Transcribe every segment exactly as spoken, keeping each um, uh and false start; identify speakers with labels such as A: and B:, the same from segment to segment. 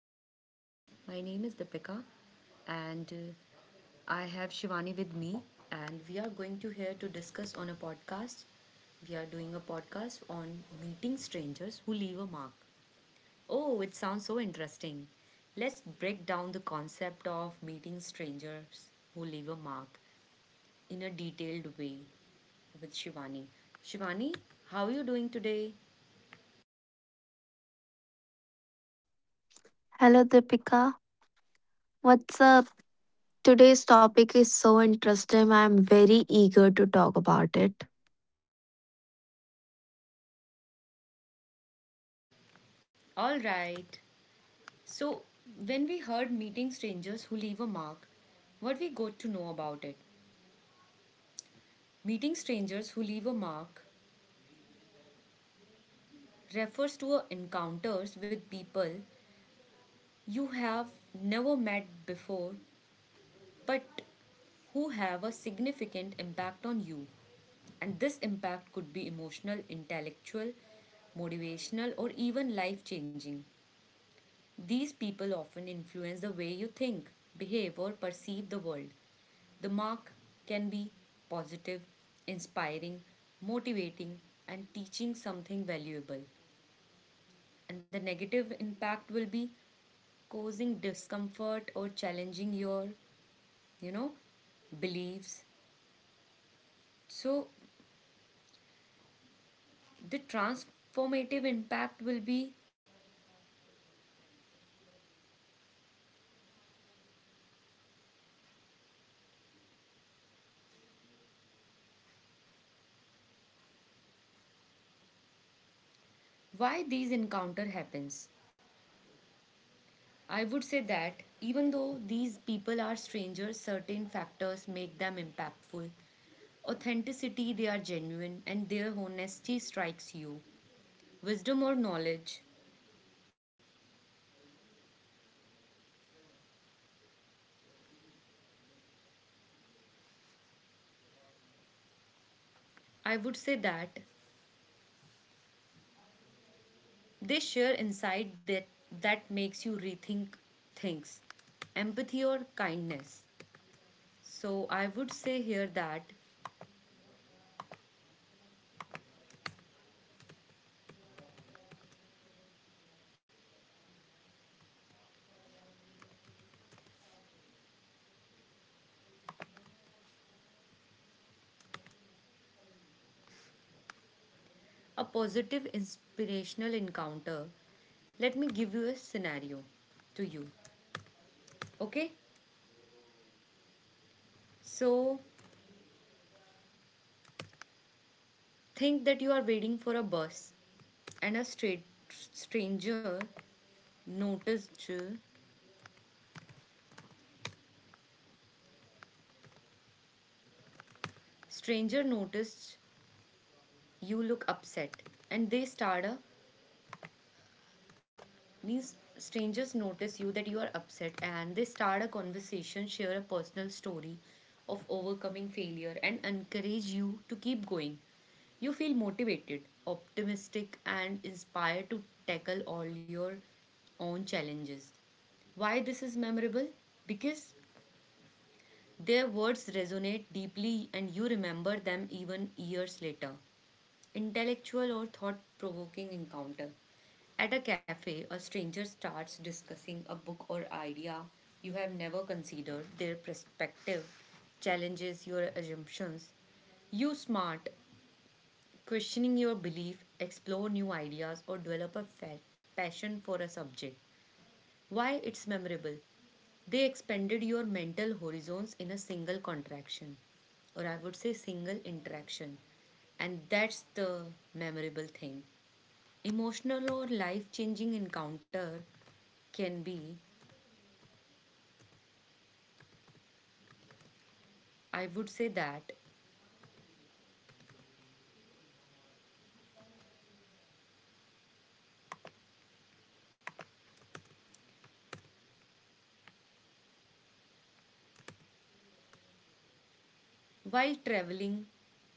A: This podcast. My name is Deepika and uh, I have Shivani with me and we are going to here to discuss on a podcast. We are doing a podcast on meeting strangers who leave a mark. Oh, it sounds so interesting. Let's break down the concept of meeting strangers who leave a mark in a detailed way with Shivani. Shivani, how are you doing today?
B: Hello, Deepika. What's up? Today's topic is so interesting. I'm very eager to talk about it.
A: All right. So, when we heard meeting strangers who leave a mark, what we got to know about it? Meeting strangers who leave a mark refers to a encounters with people you have never met before but who have a significant impact on you. And this impact could be emotional, intellectual, motivational, or even life changing. These people often influence the way you think, behave, or perceive the world. The mark can be positive, inspiring, motivating, and teaching something valuable. And the negative impact will be causing discomfort or challenging your, you know, beliefs. So the transformative impact will be why these encounter happens. I would say that even though these people are strangers, certain factors make them impactful. Authenticity, they are genuine, and their honesty strikes you. Wisdom or knowledge, I would say that they share insight that, that makes you rethink things, empathy or kindness. So I would say here that a positive inspirational encounter. Let me give you a scenario to you. Okay? So think that you are waiting for a bus and a straight stranger noticed stranger noticed you look upset and they start a these strangers notice you that you are upset and they start a conversation, share a personal story of overcoming failure, and encourage you to keep going. You feel motivated, optimistic, and inspired to tackle all your own challenges. Why this is memorable? Because their words resonate deeply and you remember them even years later. Intellectual or thought provoking encounter. At a cafe, a stranger starts discussing a book or idea you have never considered. Their perspective challenges your assumptions. You smart, questioning your belief, explore new ideas, or develop a fa- passion for a subject. Why it's memorable? They expanded your mental horizons in a single contraction, or I would say single interaction. And that's the memorable thing. Emotional or life changing encounter can be, I would say that while traveling,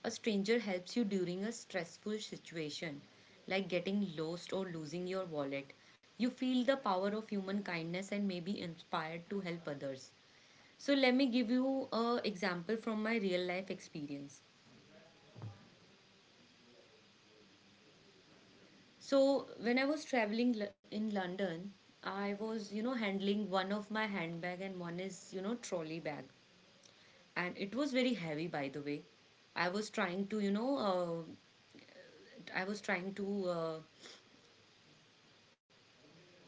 A: a stranger helps you during a stressful situation like getting lost or losing your wallet. You feel the power of human kindness and may be inspired to help others. So let me give you a example from my real life experience. So when I was traveling L- in London, I was you know handling one of my handbag and one is you know trolley bag. And it was very heavy by the way. I was trying to you know uh, I was trying to uh,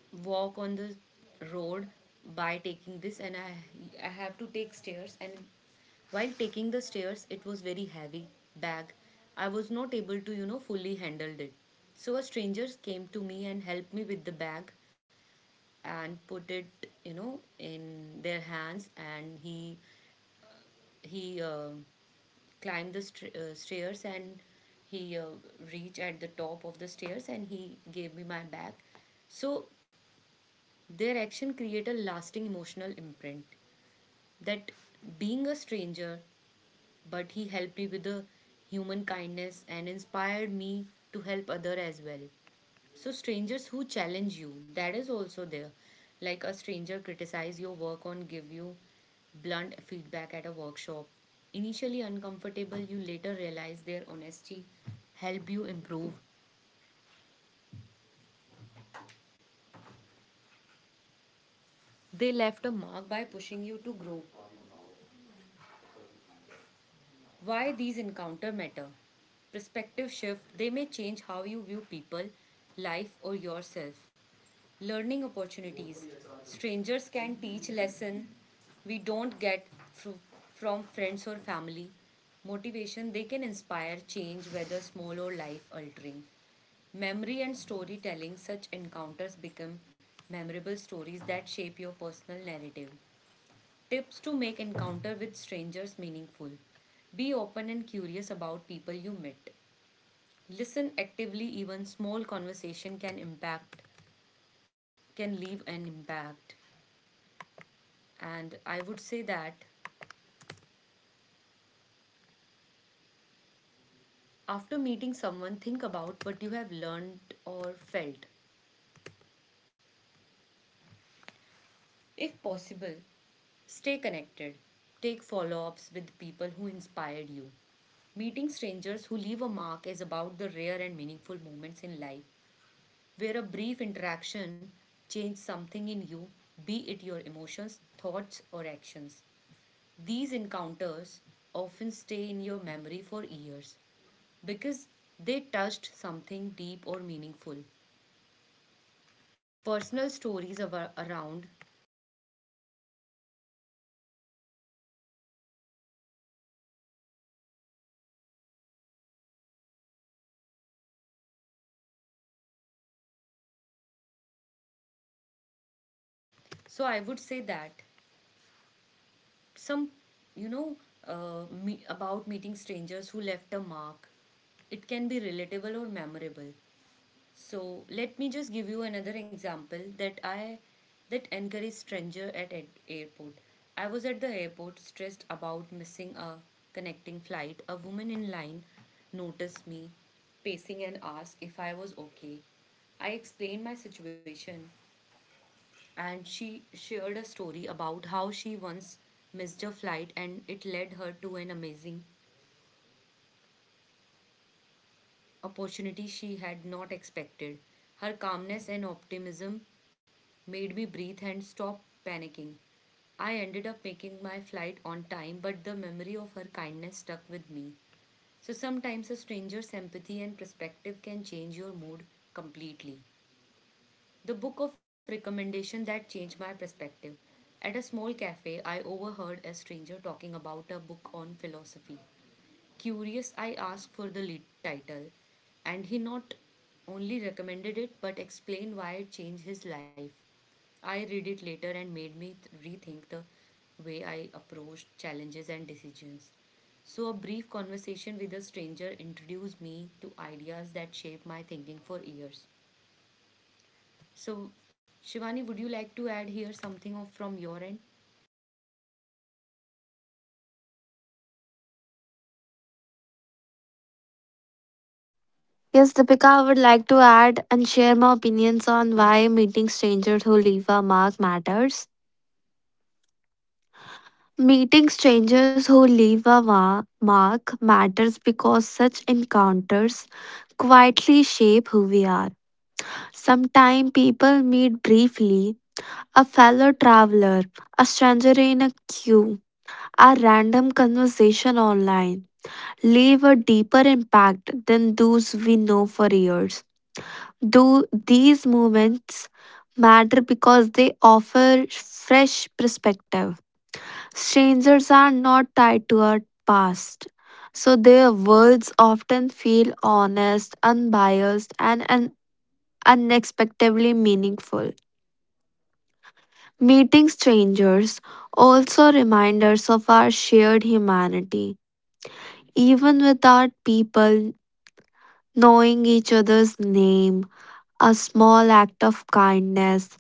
A: walk on the road by taking this and i i have to take stairs, and while taking the stairs it was very heavy bag. I was not able to you know fully handle it. So a stranger came to me and helped me with the bag and put it you know in their hands, and he he uh, climbed the st- uh, stairs, and he uh, reached at the top of the stairs and he gave me my bag. So their action create a lasting emotional imprint, that being a stranger but he helped me with the human kindness and inspired me to help other as well. So strangers who challenge you, that is also there. Like a stranger criticize your work or give you blunt feedback at a workshop. Initially uncomfortable, you later realize their honesty help you improve. They left a mark by pushing you to grow. Why these encounter matter? Perspective shift, they may change how you view people, life or yourself. Learning opportunities. Strangers can teach lessons we don't get through from friends or family. Motivation, they can inspire change whether small or life altering. Memory and storytelling, such encounters become memorable stories that shape your personal narrative. Tips to make encounter with strangers meaningful. Be open and curious about people you meet. Listen actively, even small conversation can impact can leave an impact. And I would say that after meeting someone, think about what you have learned or felt. If possible, stay connected. Take follow ups with people who inspired you. Meeting strangers who leave a mark is about the rare and meaningful moments in life where a brief interaction changed something in you, be it your emotions, thoughts, or actions. These encounters often stay in your memory for years because they touched something deep or meaningful. Personal stories ava- around. So I would say that some, you know, uh, me- about meeting strangers who left a mark. It can be relatable or memorable. So let me just give you another example that I that encouraged stranger at an airport. I was at the airport stressed about missing a connecting flight. A woman in line noticed me pacing and asked if I was okay. I explained my situation and she shared a story about how she once missed a flight and it led her to an amazing opportunity she had not expected. Her calmness and optimism made me breathe and stop panicking. I ended up making my flight on time, but the memory of her kindness stuck with me. So sometimes a stranger's empathy and perspective can change your mood completely. The book of recommendation that changed my perspective. At a small cafe, I overheard a stranger talking about a book on philosophy. Curious, I asked for the lead title, and he not only recommended it but explained why it changed his life. I read it later and made me th- rethink the way I approached challenges decisions. So, a brief conversation with a stranger introduced me to ideas that shaped my thinking for years. So, Shivani, would you like to add here something of, from your end?
B: Yes, Deepika, I would like to add and share my opinions on why meeting strangers who leave a mark matters. Meeting strangers who leave a ma- mark matters because such encounters quietly shape who we are. Sometimes people meet briefly, a fellow traveler, a stranger in a queue, a random conversation online leave a deeper impact than those we know for years. Though these moments matter because they offer fresh perspective. Strangers are not tied to our past, so their words often feel honest, unbiased, and un- unexpectedly meaningful. Meeting strangers also remind us of our shared humanity. Even without people knowing each other's name, a small act of kindness,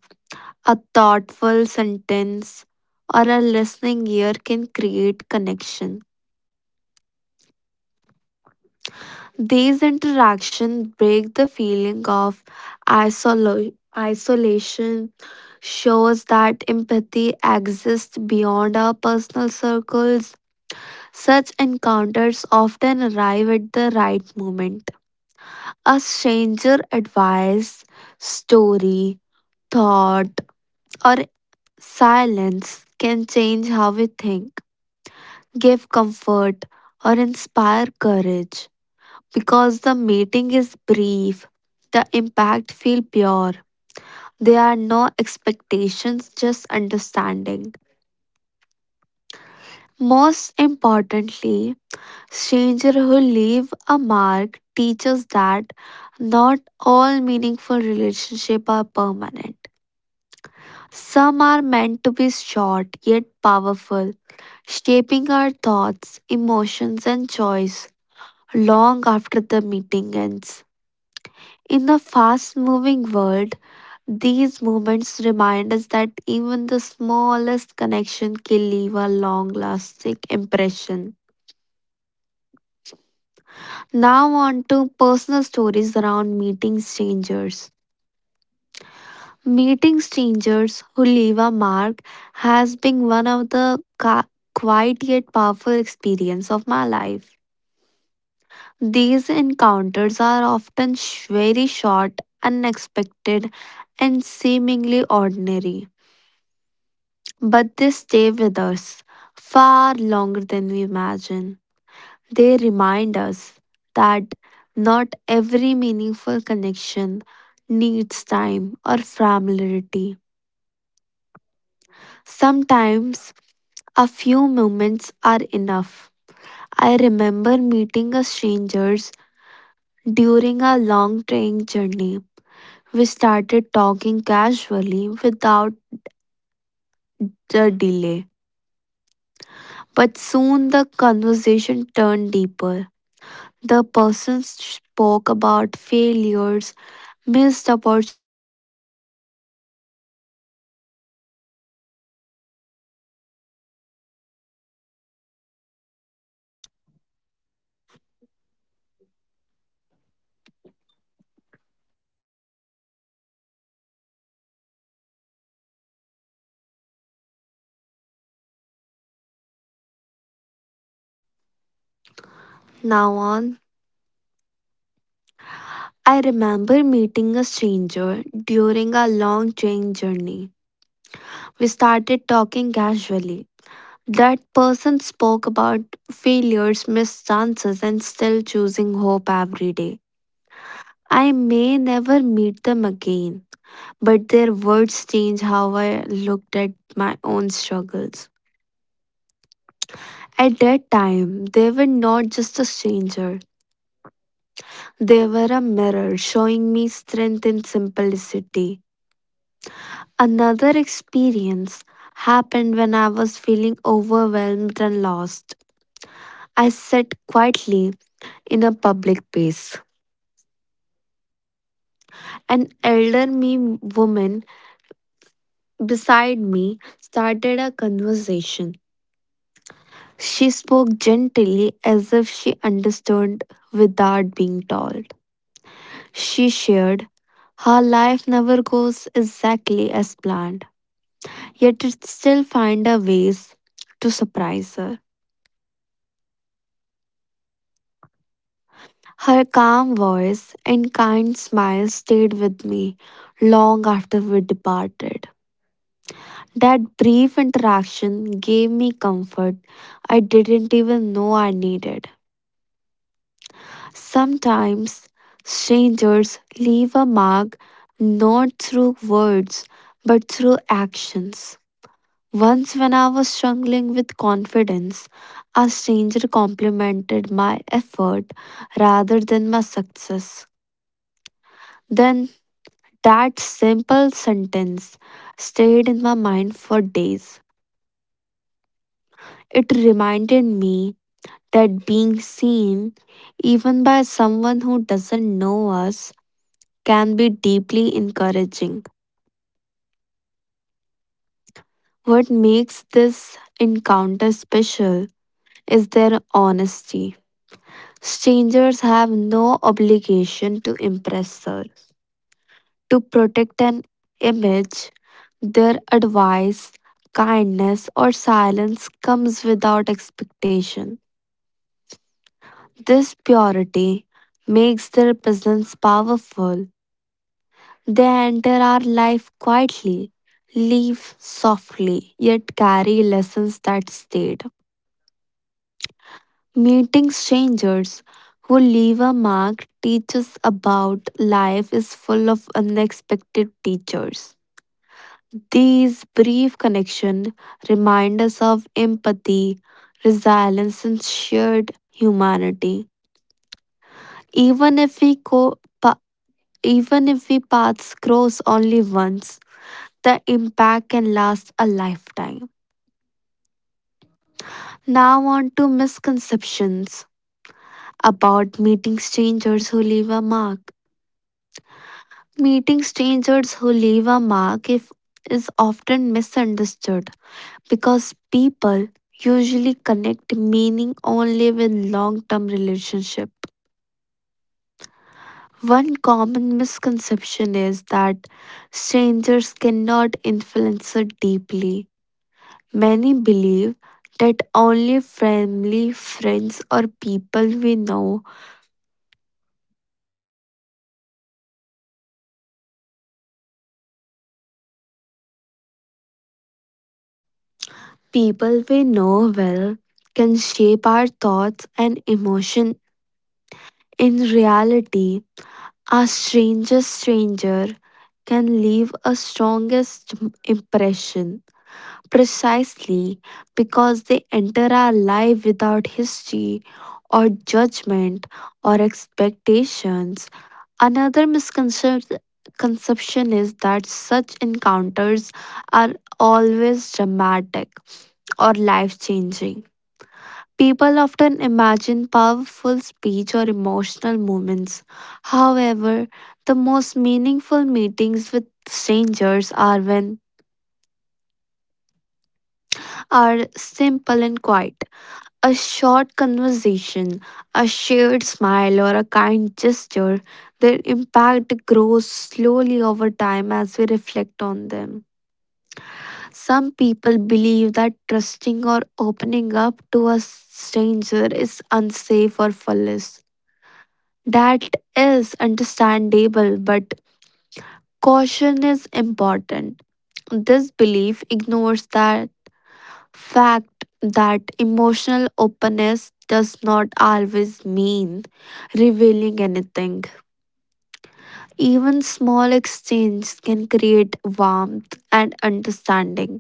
B: a thoughtful sentence, or a listening ear can create connection. These interactions break the feeling of isolo- isolation, shows that empathy exists beyond our personal circles. Such encounters often arrive at the right moment. A stranger advice, story, thought, or silence can change how we think, give comfort, or inspire courage. Because the meeting is brief, the impact feels pure. There are no expectations, just understanding. Most importantly, stranger who leave a mark teaches that not all meaningful relationships are permanent. Some are meant to be short yet powerful shaping our thoughts, emotions, and choice long after the meeting ends. In the fast moving world, these moments remind us that even the smallest connection can leave a long lasting impression. Now, on to personal stories around meeting strangers. Meeting strangers who leave a mark has been one of the ca- quiet yet powerful experience of my life. These encounters are often sh- very short, unexpected, and seemingly ordinary, but they stay with us far longer than we imagine. They remind us that not every meaningful connection needs time or familiarity. Sometimes a few moments are enough. I remember meeting a stranger during a long train journey. We started talking casually without the delay, but soon the conversation turned deeper. The person
C: Now on, I remember meeting a stranger during a long train journey. We started talking casually. That person spoke about failures, missed chances, and still choosing hope every day. I may never meet them again, but their words change how I looked at my own struggles. At that time, they were not just a stranger, they were a mirror showing me strength in simplicity. Another experience happened when I was feeling overwhelmed and lost. I sat quietly in a public place. An elderly woman beside me started a conversation. She spoke gently as if she understood without being told. She shared how life never goes exactly as planned, yet it still finds a ways to surprise her. Her calm voice and kind smile stayed with me long after we departed. That brief interaction gave me comfort I didn't even know I needed. Sometimes strangers leave a mark not through words but through actions. Once, when I was struggling with confidence, a stranger complimented my effort rather than my success. Then, that simple sentence stayed in my mind for days. It reminded me that being seen, even by someone who doesn't know us, can be deeply encouraging. What makes this encounter special is their honesty. Strangers have no obligation to impress her, to protect an image. Their advice, kindness, or silence comes without expectation. This purity makes their presence powerful. They enter our life quietly, leave softly, yet carry lessons that stayed. Meeting strangers who leave a mark teaches about life is full of unexpected teachers. These brief connections remind us of empathy, resilience, and shared humanity. Even if we co- pa- even if we paths cross only once, the impact can last a lifetime. Now, on to misconceptions about meeting strangers who leave a mark. Meeting strangers who leave a mark if, is often misunderstood because people usually connect meaning only with long term relationship. One common misconception is that strangers cannot influence us deeply. Many believe that only family, friends, or people we know, people we know well, can shape our thoughts and emotion. In reality, a strangest stranger can leave a strongest impression. Precisely because they enter our life without history or judgment or expectations. Another misconception is that such encounters are always dramatic or life changing. People often imagine powerful speech or emotional moments. However, the most meaningful meetings with strangers are when are simple and quiet. A short conversation, a shared smile, or a kind gesture, their impact grows slowly over time as we reflect on them. Some people believe that trusting or opening up to a stranger is unsafe or foolish. That is understandable, but caution is important. This belief ignores that fact that emotional openness does not always mean revealing anything. Even small exchanges can create warmth and understanding.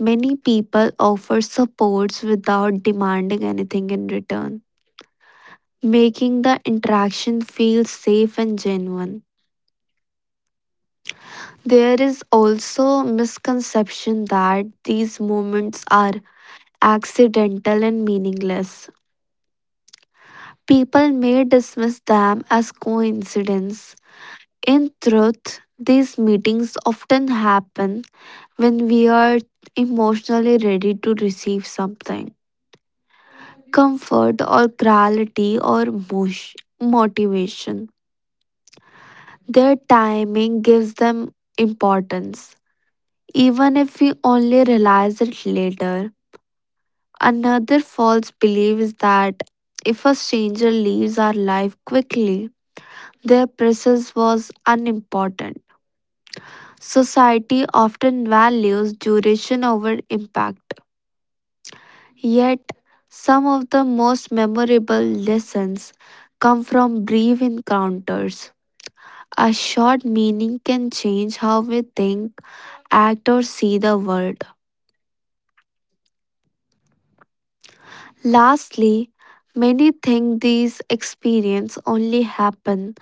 C: Many people offer supports without demanding anything in return, making the interaction feel safe and genuine. There is also misconception that these moments are accidental and meaningless. People may dismiss them as coincidence. In truth, these meetings often happen when we are emotionally ready to receive something, comfort or clarity or mosh- motivation. Their timing gives them importance, even if we only realize it later. Another false belief is that if a stranger leaves our life quickly, their presence was unimportant. Society often values duration over impact. Yet, some of the most memorable lessons come from brief encounters. A short meaning can change how we think, act, or see the world. Lastly, many think these experiences only happen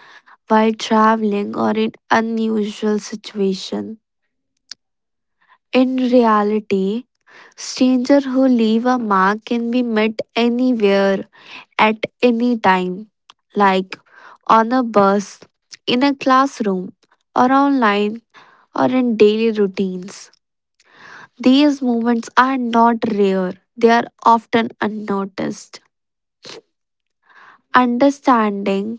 C: while traveling or in unusual situations. In reality, strangers who leave a mark can be met anywhere at any time, like on a bus, in a classroom, or online, or in daily routines. These moments are not rare, they are often unnoticed. Understanding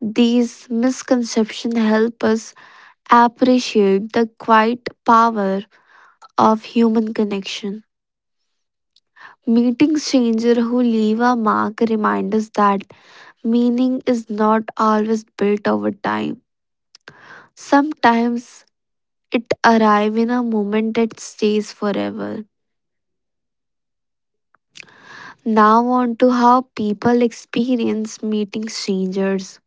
C: these misconceptions help us appreciate the quiet power of human connection. Meeting strangers who leave a mark reminds us that meaning is not always built over time. Sometimes it arrives in a moment that stays forever. Now on to how people experience meeting strangers.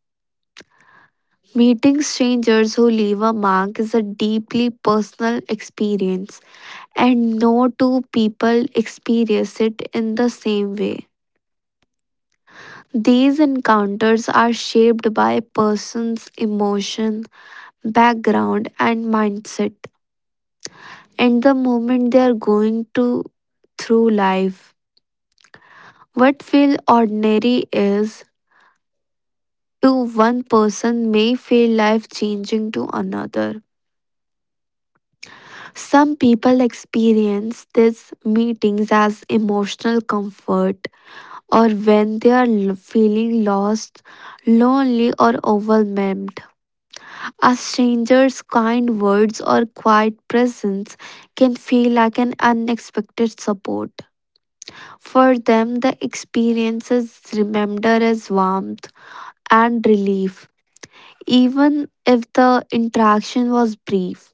C: Meeting strangers who leave a mark is a deeply personal experience, and no two people experience it in the same way. These encounters are shaped by a person's emotion, background, and mindset, and the moment they are going to through life. What feel ordinary is to one person may feel life changing to another. Some people experience these meetings as emotional comfort or when they are feeling lost, lonely, or overwhelmed. A stranger's kind words or quiet presence can feel like an unexpected support. For them, the experiences remember as warmth and relief. Even if the interaction was brief,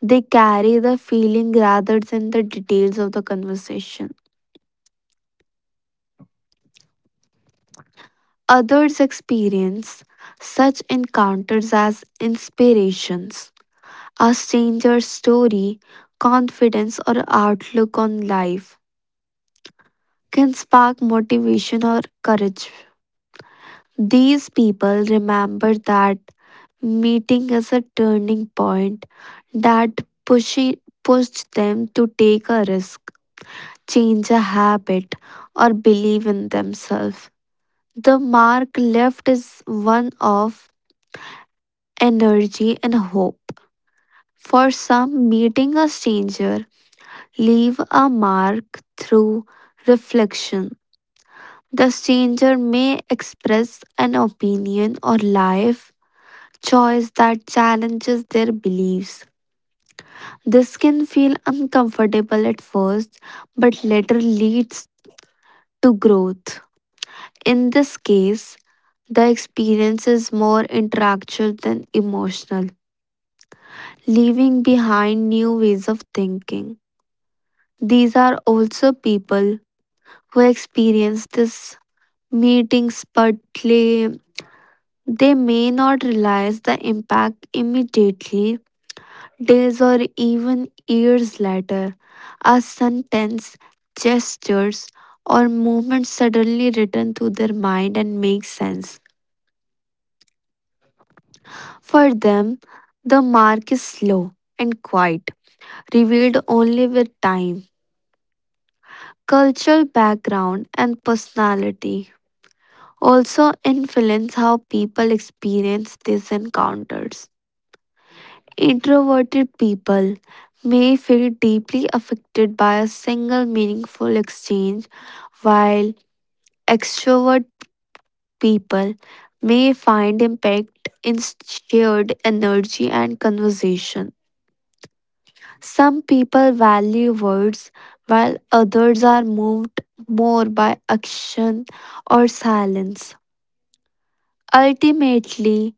C: they carry the feeling rather than the details of the conversation. Others experience such encounters as inspirations, a stranger's story, confidence, or outlook on life can spark motivation or courage. These people remember that meeting as a turning point that pushy, pushed them to take a risk, change a habit, or believe in themselves. The mark left is one of energy and hope. For some, meeting a stranger leave a mark through reflection. The stranger may express an opinion or life choice that challenges their beliefs. This can feel uncomfortable at first, but later leads to growth. In this case, the experience is more intellectual than emotional, leaving behind new ways of thinking. These are also people who experience these meetings, but they may not realize the impact immediately. Days or even years later, a sentence, gestures, or movement suddenly return to their mind and make sense. For them, the mark is slow and quiet, revealed only with time. Cultural background and personality also influence how people experience these encounters. Introverted people may feel deeply affected by a single meaningful exchange, while extrovert people may find impact in shared energy and conversation. Some people value words, while others are moved more by action or silence. Ultimately,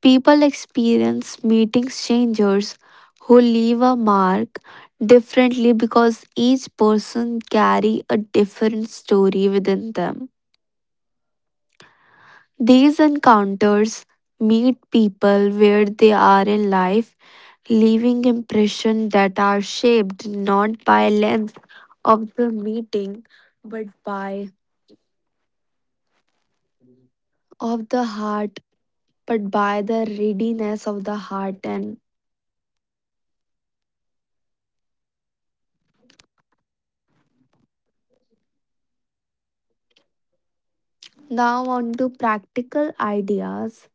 C: people experience meeting strangers who leave a mark differently because each person carry a different story within them. These encounters meet people where they are in life, leaving impressions that are shaped not by length of the meeting but by of the heart but by the readiness of the heart. And now on to practical ideas.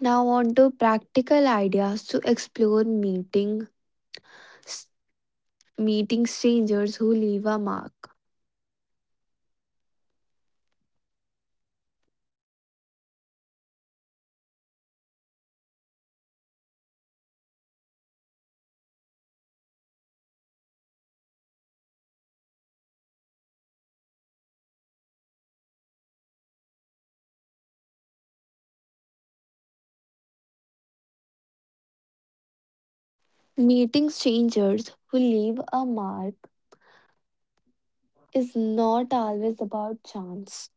C: Now on to practical ideas to explore meeting meeting strangers who leave a mark. Meeting strangers who leave a mark is not always about chance.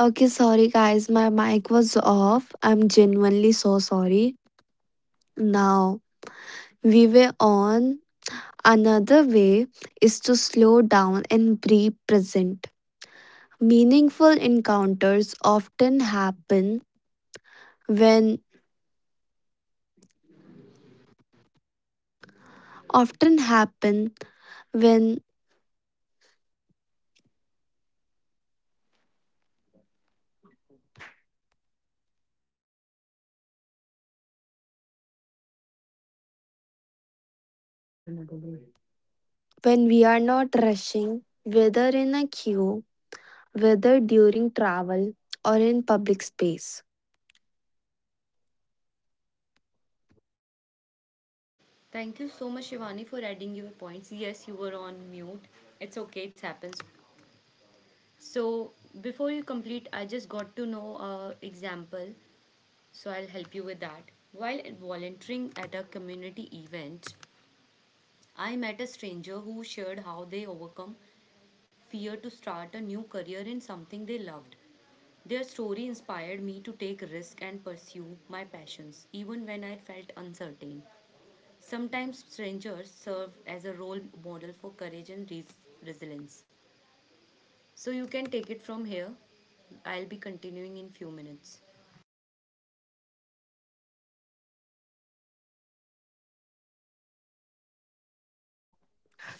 C: Okay, sorry guys, my mic was off. I'm genuinely so sorry. Now, we were on, another way is to slow down and be present. Meaningful encounters often happen when often happen when when we are not rushing, whether in a queue, whether during travel or in public space.
A: Thank you so much, Shivani, for adding your points. Yes, you were on mute. It's okay, it happens. So, before you complete, I just got to know a example, so I'll help you with that. While volunteering at a community event, I met a stranger who shared how they overcome fear to start a new career in something they loved. Their story inspired me to take risk and pursue my passions even when I felt uncertain. Sometimes strangers serve as a role model for courage and res- resilience. So you can take it from here. I'll be continuing in few minutes.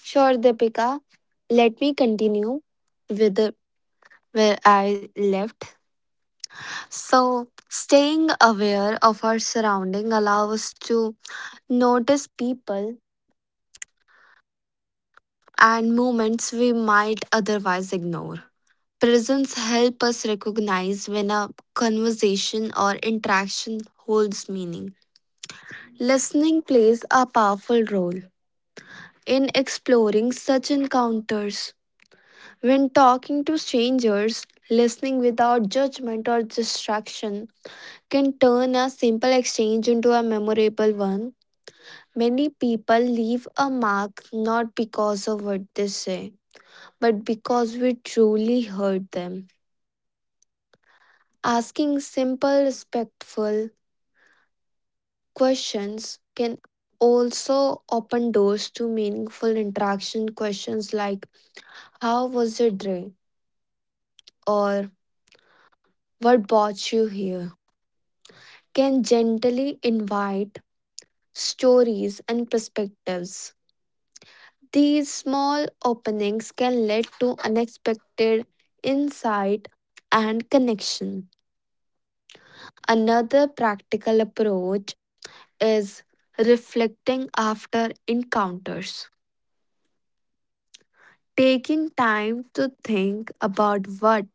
C: Sure, Deepika, let me continue with the, where I left. So staying aware of our surrounding allows us to notice people and movements we might otherwise ignore. Presence help us recognize when a conversation or interaction holds meaning. Listening plays a powerful role in exploring such encounters. When talking to strangers, listening without judgment or distraction can turn a simple exchange into a memorable one. Many people leave a mark not because of what they say, but because we truly heard them. Asking simple, respectful questions can also open doors to meaningful interaction. Questions like, how was your day? Or what brought you here? Can gently invite stories and perspectives. These small openings can lead to unexpected insight and connection. Another practical approach is reflecting after encounters. Taking time to think about what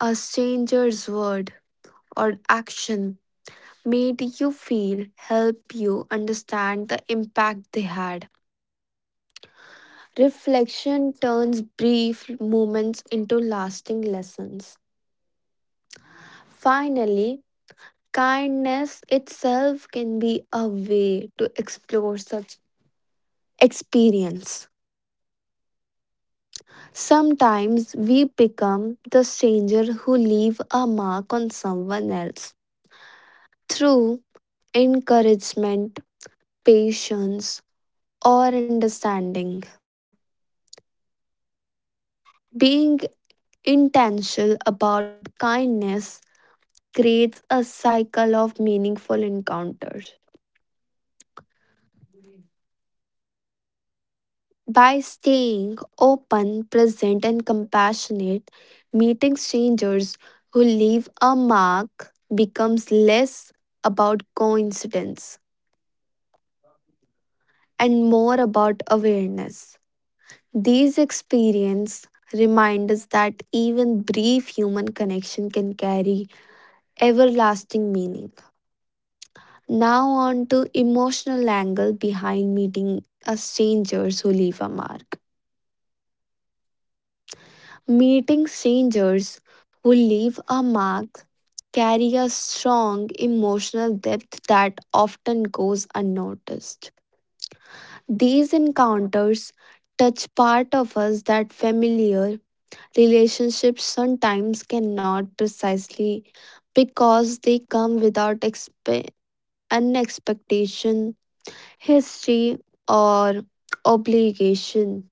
C: a stranger's word or action made you feel, help you understand the impact they had. Reflection turns brief moments into lasting lessons. Finally, kindness itself can be a way to explore such experience. Sometimes we become the stranger who leave a mark on someone else through encouragement, patience, or understanding. Being intentional about kindness creates a cycle of meaningful encounters. By staying open, present, and compassionate, meeting strangers who leave a mark becomes less about coincidence and more about awareness. These experiences remind us that even brief human connection can carry everlasting meaning. Now on to emotional angle behind meeting a strangers who leave a mark. Meeting strangers who leave a mark carry a strong emotional depth that often goes unnoticed. These encounters touch part of us that familiar relationships sometimes cannot, precisely because they come without expe- an expectation, history, or obligation.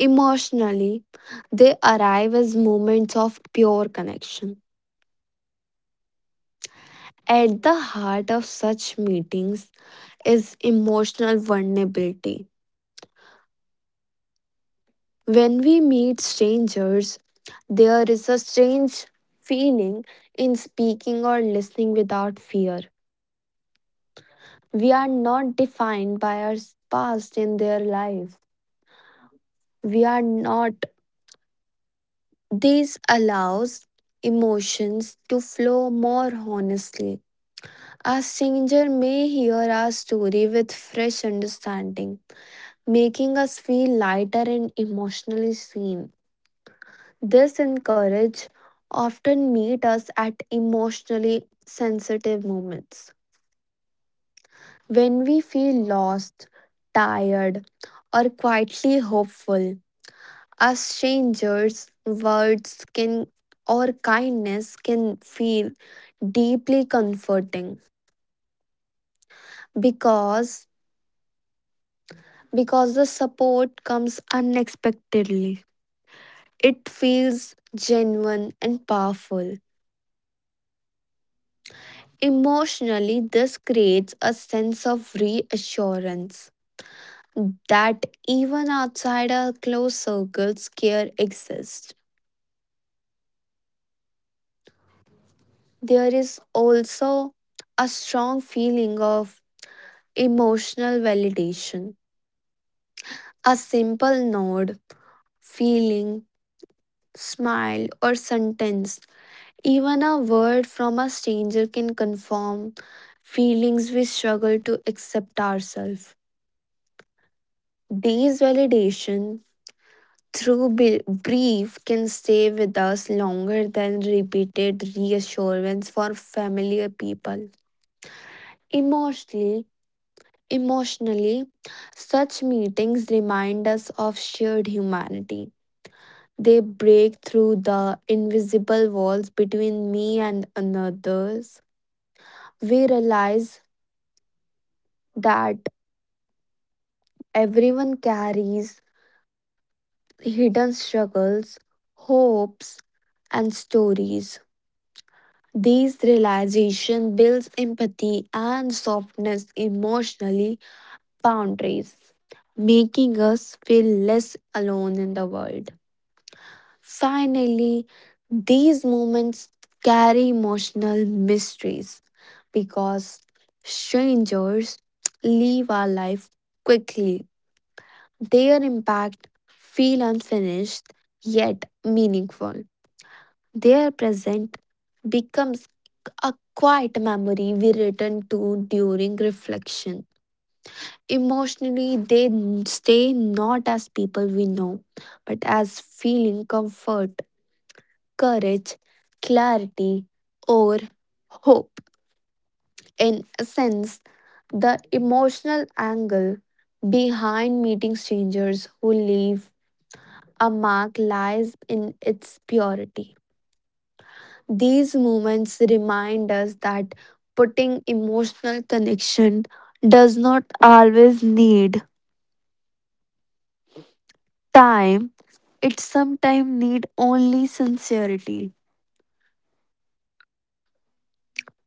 C: Emotionally, they arrive as moments of pure connection. At the heart of such meetings is emotional vulnerability. When we meet strangers, there is a strange feeling in speaking or listening without fear. We are not defined by our past in their life. We are not This allows emotions to flow more honestly. A stranger may hear our story with fresh understanding, making us feel lighter and emotionally seen. This encourage often meet us at emotionally sensitive moments. When we feel lost, tired, or quietly hopeful, a stranger's words can or kindness can feel deeply comforting, because because the support comes unexpectedly. It feels genuine and powerful. Emotionally, this creates a sense of reassurance that even outside our close circles, care exists. There is also a strong feeling of emotional validation. A simple nod, feeling, smile, or sentence even a word from a stranger can confirm feelings we struggle to accept ourselves. These validation through bi- brief can stay with us longer than repeated reassurance for familiar people. Emotionally, emotionally, such meetings remind us of shared humanity. They break through the invisible walls between me and others. We realize that everyone carries hidden struggles, hopes, and stories. These realization builds empathy and softness emotionally boundaries, making us feel less alone in the world. Finally, these moments carry emotional mysteries because strangers leave our life quickly. Their impact feel unfinished yet meaningful. Their present becomes a quiet memory we return to during reflection. Emotionally, they stay not as people we know, but as feeling comfort, courage, clarity, or hope. In a sense, the emotional angle behind meeting strangers who leave a mark lies in its purity. These moments remind us that putting emotional connection does not always need time, it sometimes need only sincerity,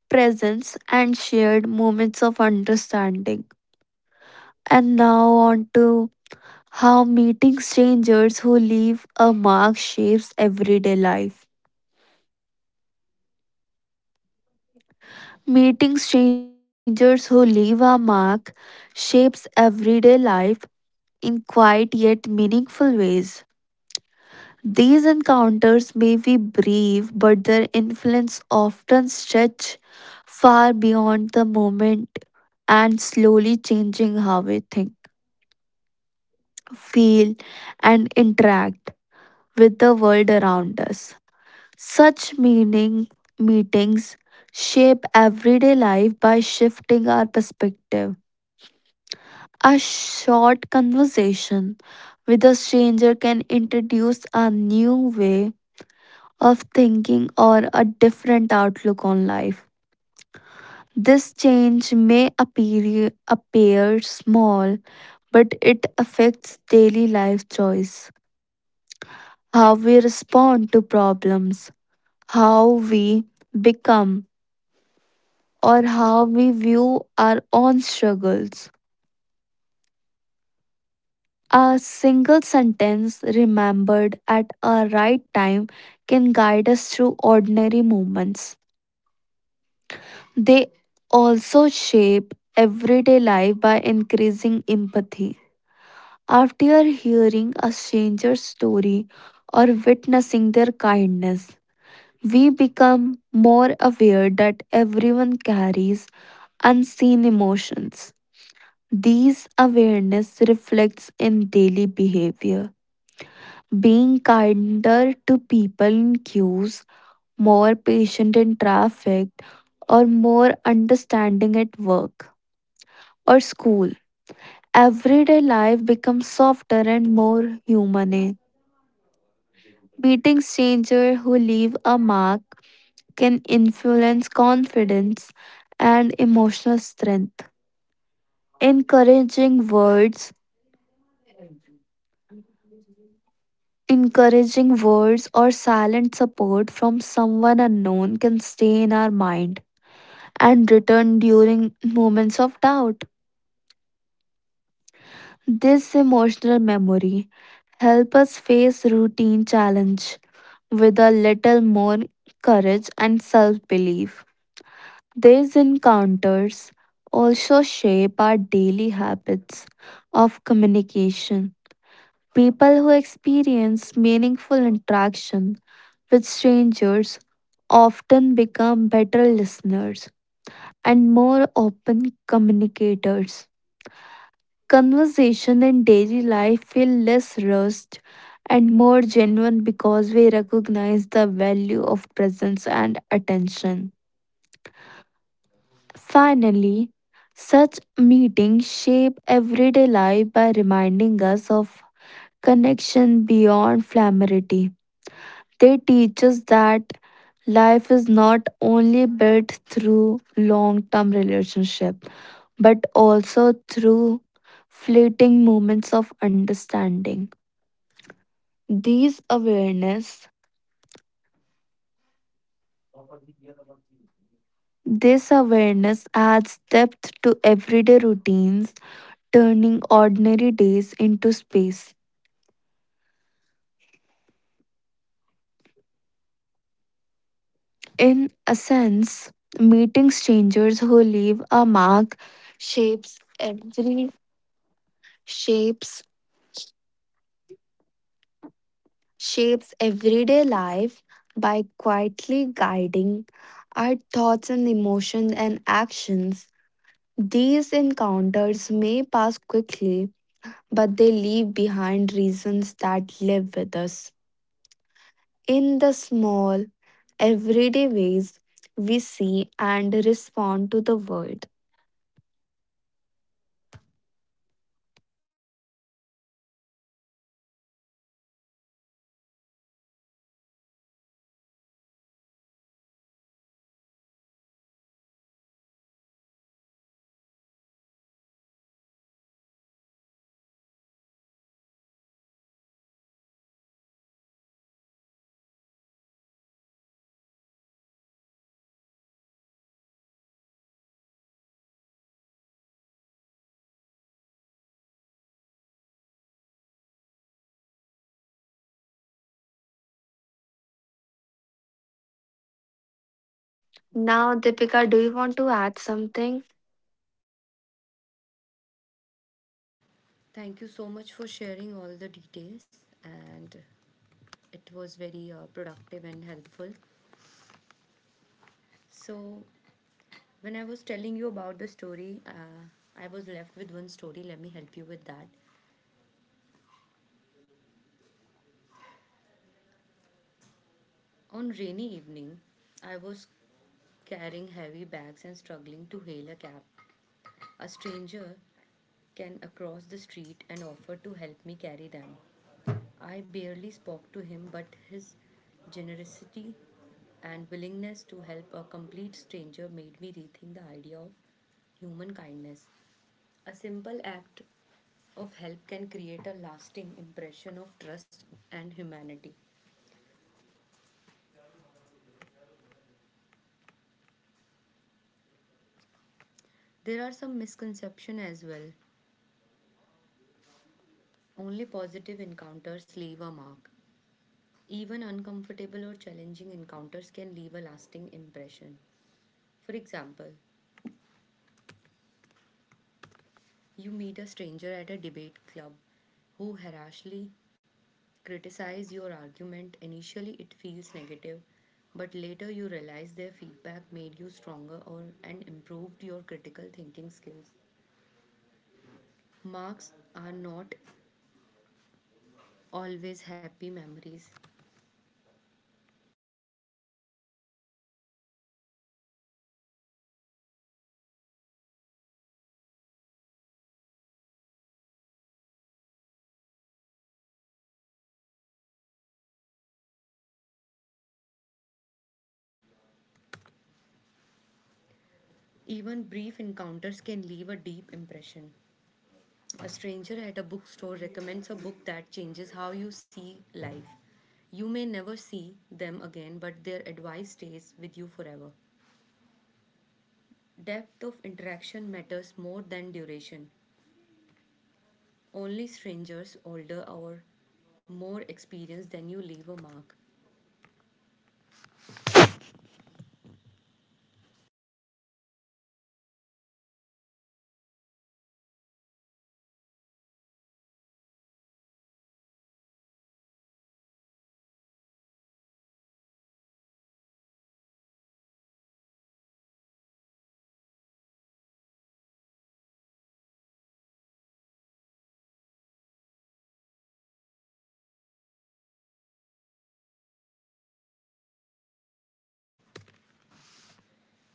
C: presence and shared moments of understanding. And now on to how meeting strangers who leave a mark shapes everyday life. Meeting strangers who leave a mark shapes everyday life in quiet yet meaningful ways. These encounters may be brief, but their influence often stretch far beyond the moment and slowly changing how we think, feel, and interact with the world around us. Such meaning meetings shape everyday life by shifting our perspective. A short conversation with a stranger can introduce a new way of thinking or a different outlook on life. This change may appear, appear small, but it affects daily life choice, how we respond to problems, how we become, or how we view our own struggles. A single sentence remembered at a right time can guide us through ordinary moments. They also shape everyday life by increasing empathy. After hearing a stranger's story or witnessing their kindness, we become more aware that everyone carries unseen emotions. These awareness reflects in daily behavior. Being kinder to people in queues, more patient in traffic, or more understanding at work or school. Everyday life becomes softer and more human. Meeting strangers who leave a mark can influence confidence and emotional strength. Encouraging words, encouraging words or silent support from someone unknown can stay in our mind and return during moments of doubt. This emotional memory help us face routine challenge with a little more courage and self belief. These encounters also shape our daily habits of communication. People who experience meaningful interaction with strangers often become better listeners and more open communicators. Conversation in daily life feel less rushed and more genuine because we recognize the value of presence and attention. Finally, such meetings shape everyday life by reminding us of connection beyond familiarity. They teach us that life is not only built through long-term relationship but also through fleeting moments of understanding. These awareness this awareness adds depth to everyday routines, turning ordinary days into space. In a sense, meeting strangers who leave a mark shapes every shapes shapes everyday life by quietly guiding our thoughts and emotions and actions. These encounters may pass quickly, but they leave behind reasons that live with us. In the small, everyday ways we see and respond to the world. Now, Deepika, do you want to add something?
A: Thank you so much for sharing all the details, and it was very uh, productive and helpful. So when I was telling you about the story, uh, I was left with one story. Let me help you with that. On rainy evening, I was carrying heavy bags and struggling to hail a cab. A stranger can across the street and offer to help me carry them. I barely spoke to him, but his generosity and willingness to help a complete stranger made me rethink the idea of human kindness. A simple act of help can create a lasting impression of trust and humanity. There are some misconceptions as well. Only positive encounters leave a mark. Even uncomfortable or challenging encounters can leave a lasting impression. For example, you meet a stranger at a debate club who harshly criticizes your argument. Initially, it feels negative, but later you realize their feedback made you stronger or and improved your critical thinking skills. Marks are not always happy memories. Even brief encounters can leave a deep impression. A stranger at a bookstore recommends a book that changes how you see life. You may never see them again, but their advice stays with you forever. Depth of interaction matters more than duration. Only strangers older or more experienced than you leave a mark.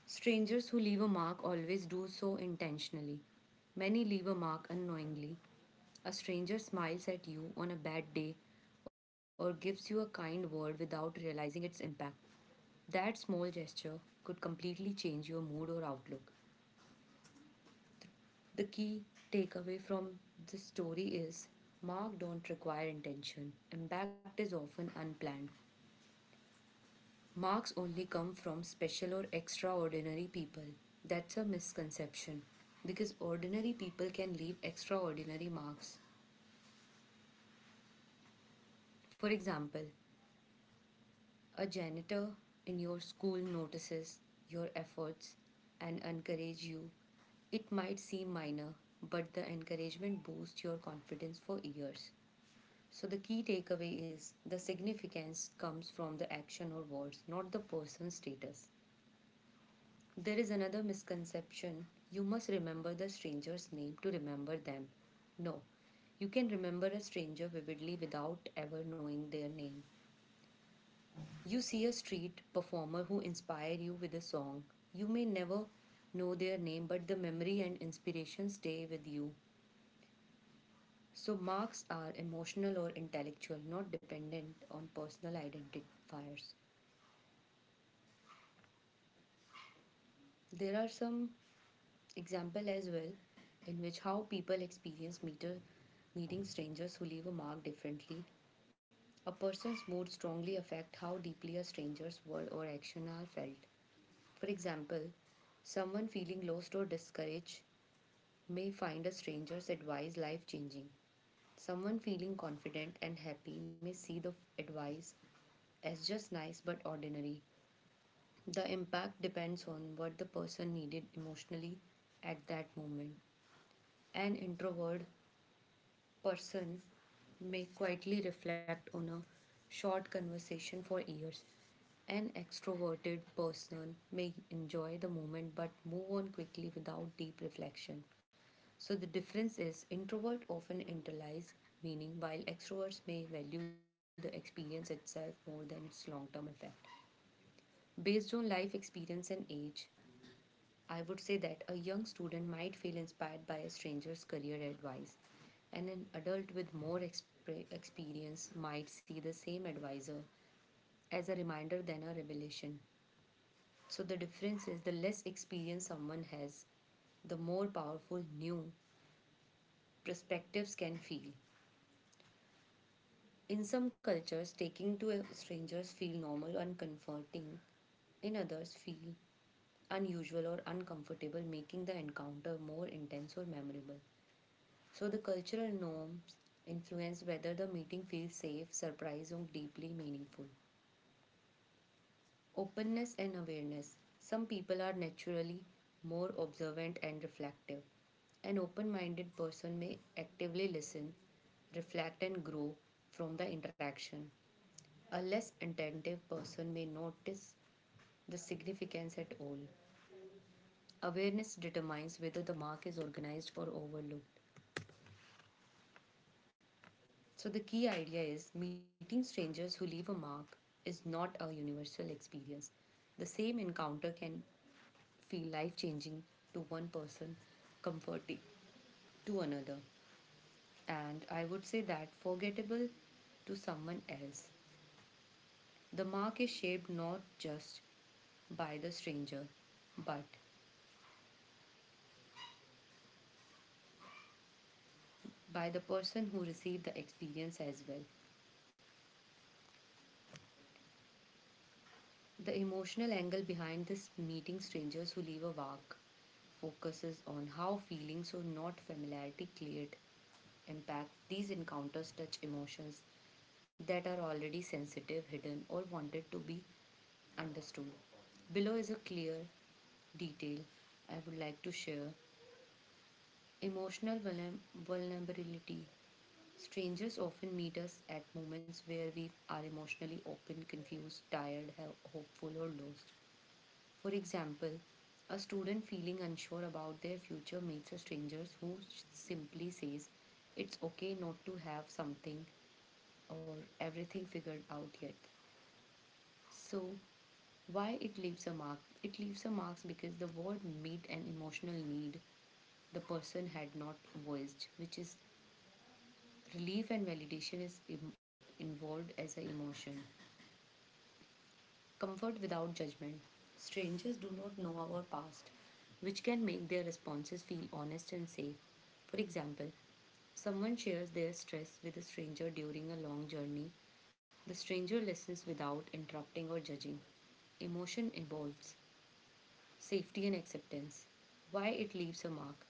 A: Strangers who leave a mark always do so intentionally. Many leave a mark unknowingly. A stranger smiles at you on a bad day or gives you a kind word without realizing its impact. That small gesture completely change your mood or outlook. The key takeaway from this story is marks don't require intention. Impact is often unplanned. Marks only come from special or extraordinary people. That's a misconception because ordinary people can leave extraordinary marks. For example, a janitor in your school notices your efforts and encourages you. It might seem minor, but the encouragement boosts your confidence for years. So the key takeaway is the significance comes from the action or words, not the person's status. There is another misconception. You must remember the stranger's name to remember them. No, you can remember a stranger vividly without ever knowing their name. You see a street performer who inspire you with a song. You may never know their name, but the memory and inspiration stay with you. So marks are emotional or intellectual, not dependent on personal identifiers. There are some example as well in which how people experience meter, meeting strangers who leave a mark differently. A person's mood strongly affect how deeply a stranger's word or action are felt. For example, someone feeling lost or discouraged may find a stranger's advice life changing. Someone feeling confident and happy may see the advice as just nice but ordinary. The impact depends on what the person needed emotionally at that moment. An introvert person may quietly reflect on a short conversation for years. An extroverted person may enjoy the moment but move on quickly without deep reflection. So the difference is introvert often internalize meaning while extroverts may value the experience itself more than its long-term effect. Based on life experience and age, I would say that a young student might feel inspired by a stranger's career advice, and an adult with more exp- experience might see the same advisor as a reminder than a revelation. So, the difference is the less experience someone has, the more powerful new perspectives can feel. In some cultures, taking to strangers feel normal and comforting. In others, feel unusual or uncomfortable, making the encounter more intense or memorable. So the cultural norms influence whether the meeting feels safe, surprising, or deeply meaningful. Openness and awareness. Some people are naturally more observant and reflective. An open minded person may actively listen, reflect, and grow from the interaction. A less attentive person may notice the significance at all. Awareness determines whether the mark is organized or overlooked. So, the key idea is meeting strangers who leave a mark is not a universal experience. The same encounter can feel changing to one person, comforting to another, and I would say that forgettable to someone else. The mark is shaped not just by the stranger, but by the person who received the experience as well. The emotional angle behind this meeting strangers who leave a mark focuses on how feelings or not familiarity cleared impact. These encounters touch emotions that are already sensitive, hidden, or wanted to be understood. Below is a clear detail I would like to share emotional vulner- vulnerability. Strangers often meet us at moments where we are emotionally open, confused, tired, hel- hopeful, or lost. For example, a student feeling unsure about their future meets a stranger who simply says, it's okay not to have something or everything figured out yet. So, why it leaves a mark? It leaves a mark because the word meet an emotional need the person had not voiced, which is relief and validation is Im- involved as an emotion. Comfort without judgment. Strangers do not know our past, which can make their responses feel honest and safe. For example, someone shares their stress with a stranger during a long journey. The stranger listens without interrupting or judging. Emotion involves safety and acceptance. Why it leaves a mark.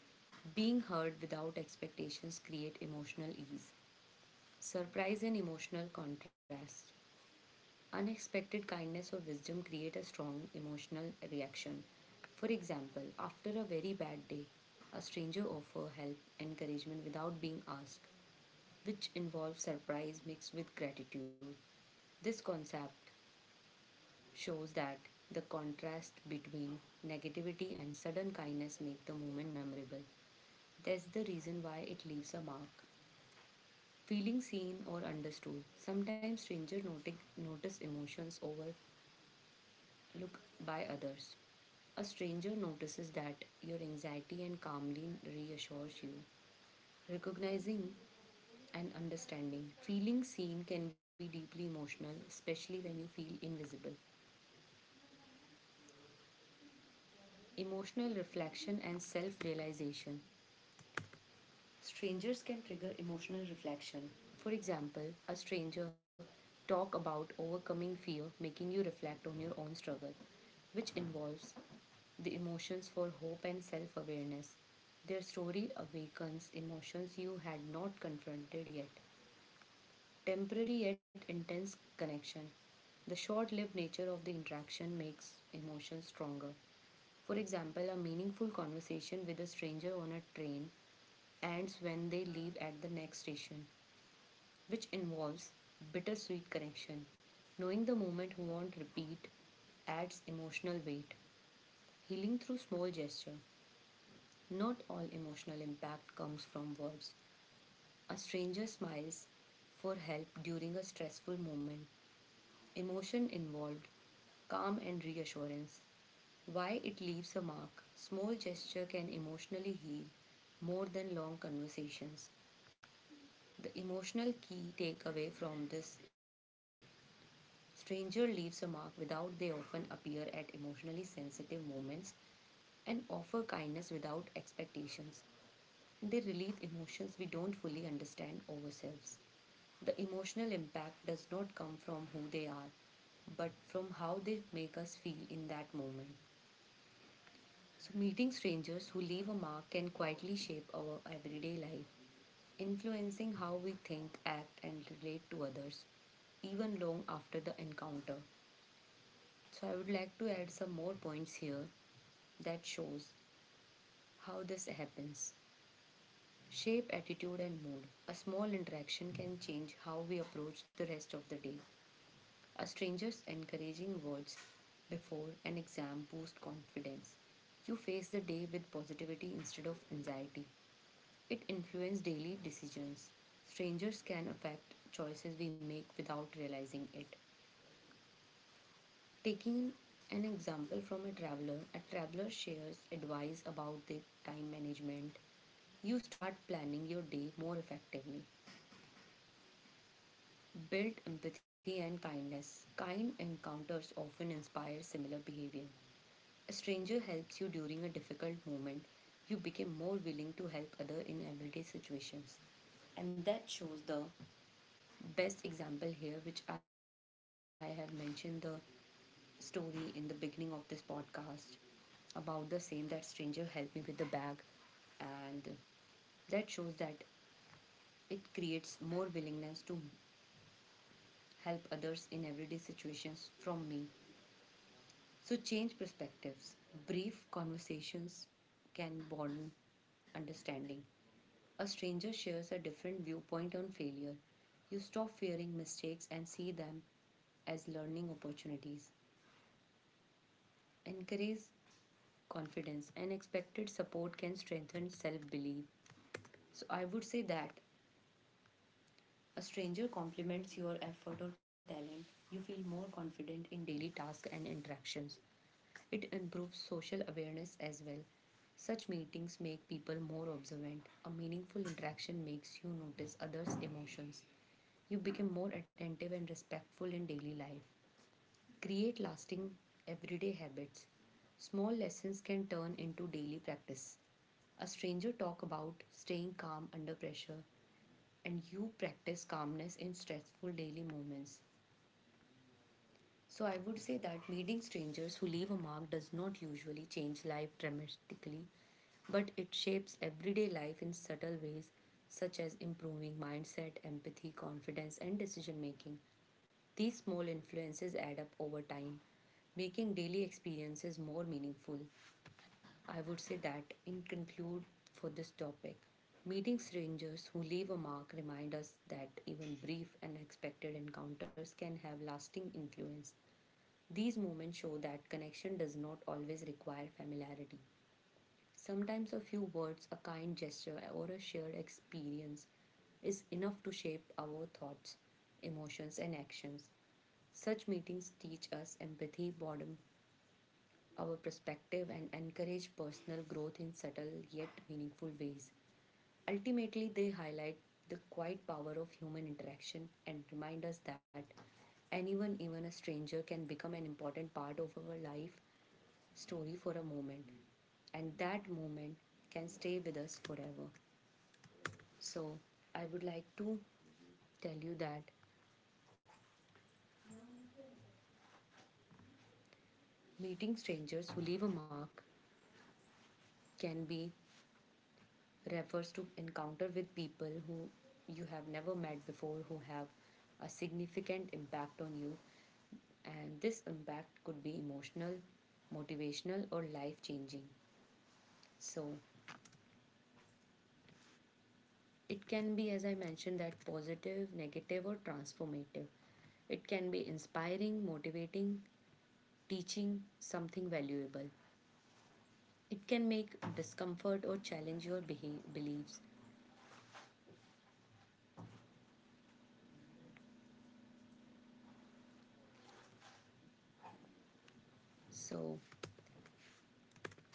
A: Being heard without expectations create emotional ease. Surprise and emotional contrast. Unexpected kindness or wisdom create a strong emotional reaction. For example, after a very bad day, a stranger offers help, encouragement without being asked, which involves surprise mixed with gratitude. This concept shows that the contrast between negativity and sudden kindness make the moment memorable. That's the reason why it leaves a mark. Feeling seen or understood. Sometimes strangers notice emotions over look by others. A stranger notices that your anxiety and calmly reassures you. Recognizing and understanding. Feeling seen can be deeply emotional, especially when you feel invisible. Emotional reflection and self realization. Strangers can trigger emotional reflection. For example, a stranger talk about overcoming fear, making you reflect on your own struggle, which involves the emotions for hope and self-awareness. Their story awakens emotions you had not confronted yet. Temporary yet intense connection. The short lived nature of the interaction makes emotions stronger. For example, a meaningful conversation with a stranger on a train ends when they leave at the next station, which involves bittersweet connection. Knowing the moment won't repeat adds emotional weight. Healing through small gesture. Not all emotional impact comes from words. A stranger smiles for help during a stressful moment. Emotion involved, calm and reassurance. Why it leaves a mark. Small gesture can emotionally heal more than long conversations. The emotional key takeaway from this stranger leaves a mark without they often appear at emotionally sensitive moments and offer kindness without expectations. They relieve emotions we don't fully understand ourselves. The emotional impact does not come from who they are, but from how they make us feel in that moment. So, meeting strangers who leave a mark can quietly shape our everyday life, influencing how we think, act, and relate to others, even long after the encounter. So, I would like to add some more points here that shows how this happens. Shape attitude and mood. A small interaction can change how we approach the rest of the day. A stranger's encouraging words before an exam boost confidence. You face the day with positivity instead of anxiety. It influences daily decisions. Strangers can affect choices we make without realizing it. Taking an example from a traveler, a traveler shares advice about the time management. You start planning your day more effectively. Build empathy and kindness. Kind encounters often inspire similar behavior. A stranger helps you during a difficult moment. You become more willing to help other in everyday situations. And that shows the best example here which I have mentioned the story in the beginning of this podcast about the same that stranger helped me with the bag and that shows that it creates more willingness to help others in everyday situations from me. So change perspectives. Brief conversations can broaden understanding. A stranger shares a different viewpoint on failure. You stop fearing mistakes and see them as learning opportunities. Encourage confidence. Unexpected support can strengthen self belief. So I would say that a stranger compliments your effort or talent. You feel more confident in daily tasks and interactions. It improves social awareness as well. Such meetings make people more observant. A meaningful interaction makes you notice others' emotions. You become more attentive and respectful in daily life. Create lasting everyday habits. Small lessons can turn into daily practice. A stranger talk about staying calm under pressure and you practice calmness in stressful daily moments. So I would say that meeting strangers who leave a mark does not usually change life dramatically, but it shapes everyday life in subtle ways such as improving mindset, empathy, confidence, and decision making. These small influences add up over time, making daily experiences more meaningful. I would say that in conclude for this topic, meeting strangers who leave a mark remind us that even brief and unexpected encounters can have lasting influence. These moments show that connection does not always require familiarity. Sometimes a few words, a kind gesture, or a shared experience is enough to shape our thoughts, emotions, and actions. Such meetings teach us empathy, broaden our perspective, and encourage personal growth in subtle yet meaningful ways. Ultimately, they highlight the quiet power of human interaction and remind us that anyone, even a stranger, can become an important part of our life story for a moment. And that moment can stay with us forever. So, I would like to tell you that meeting strangers who leave a mark can be refers to encounter with people who you have never met before who have a significant impact on you and this impact could be emotional, motivational, or life changing. So, it can be, as I mentioned, that positive, negative, or transformative. It can be inspiring, motivating, teaching something valuable. It can make discomfort or challenge your beha- beliefs. So,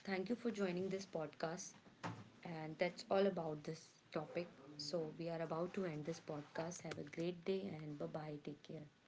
A: thank you for joining this podcast. And that's all about this topic. So, we are about to end this podcast. Have a great day and bye bye. Take care.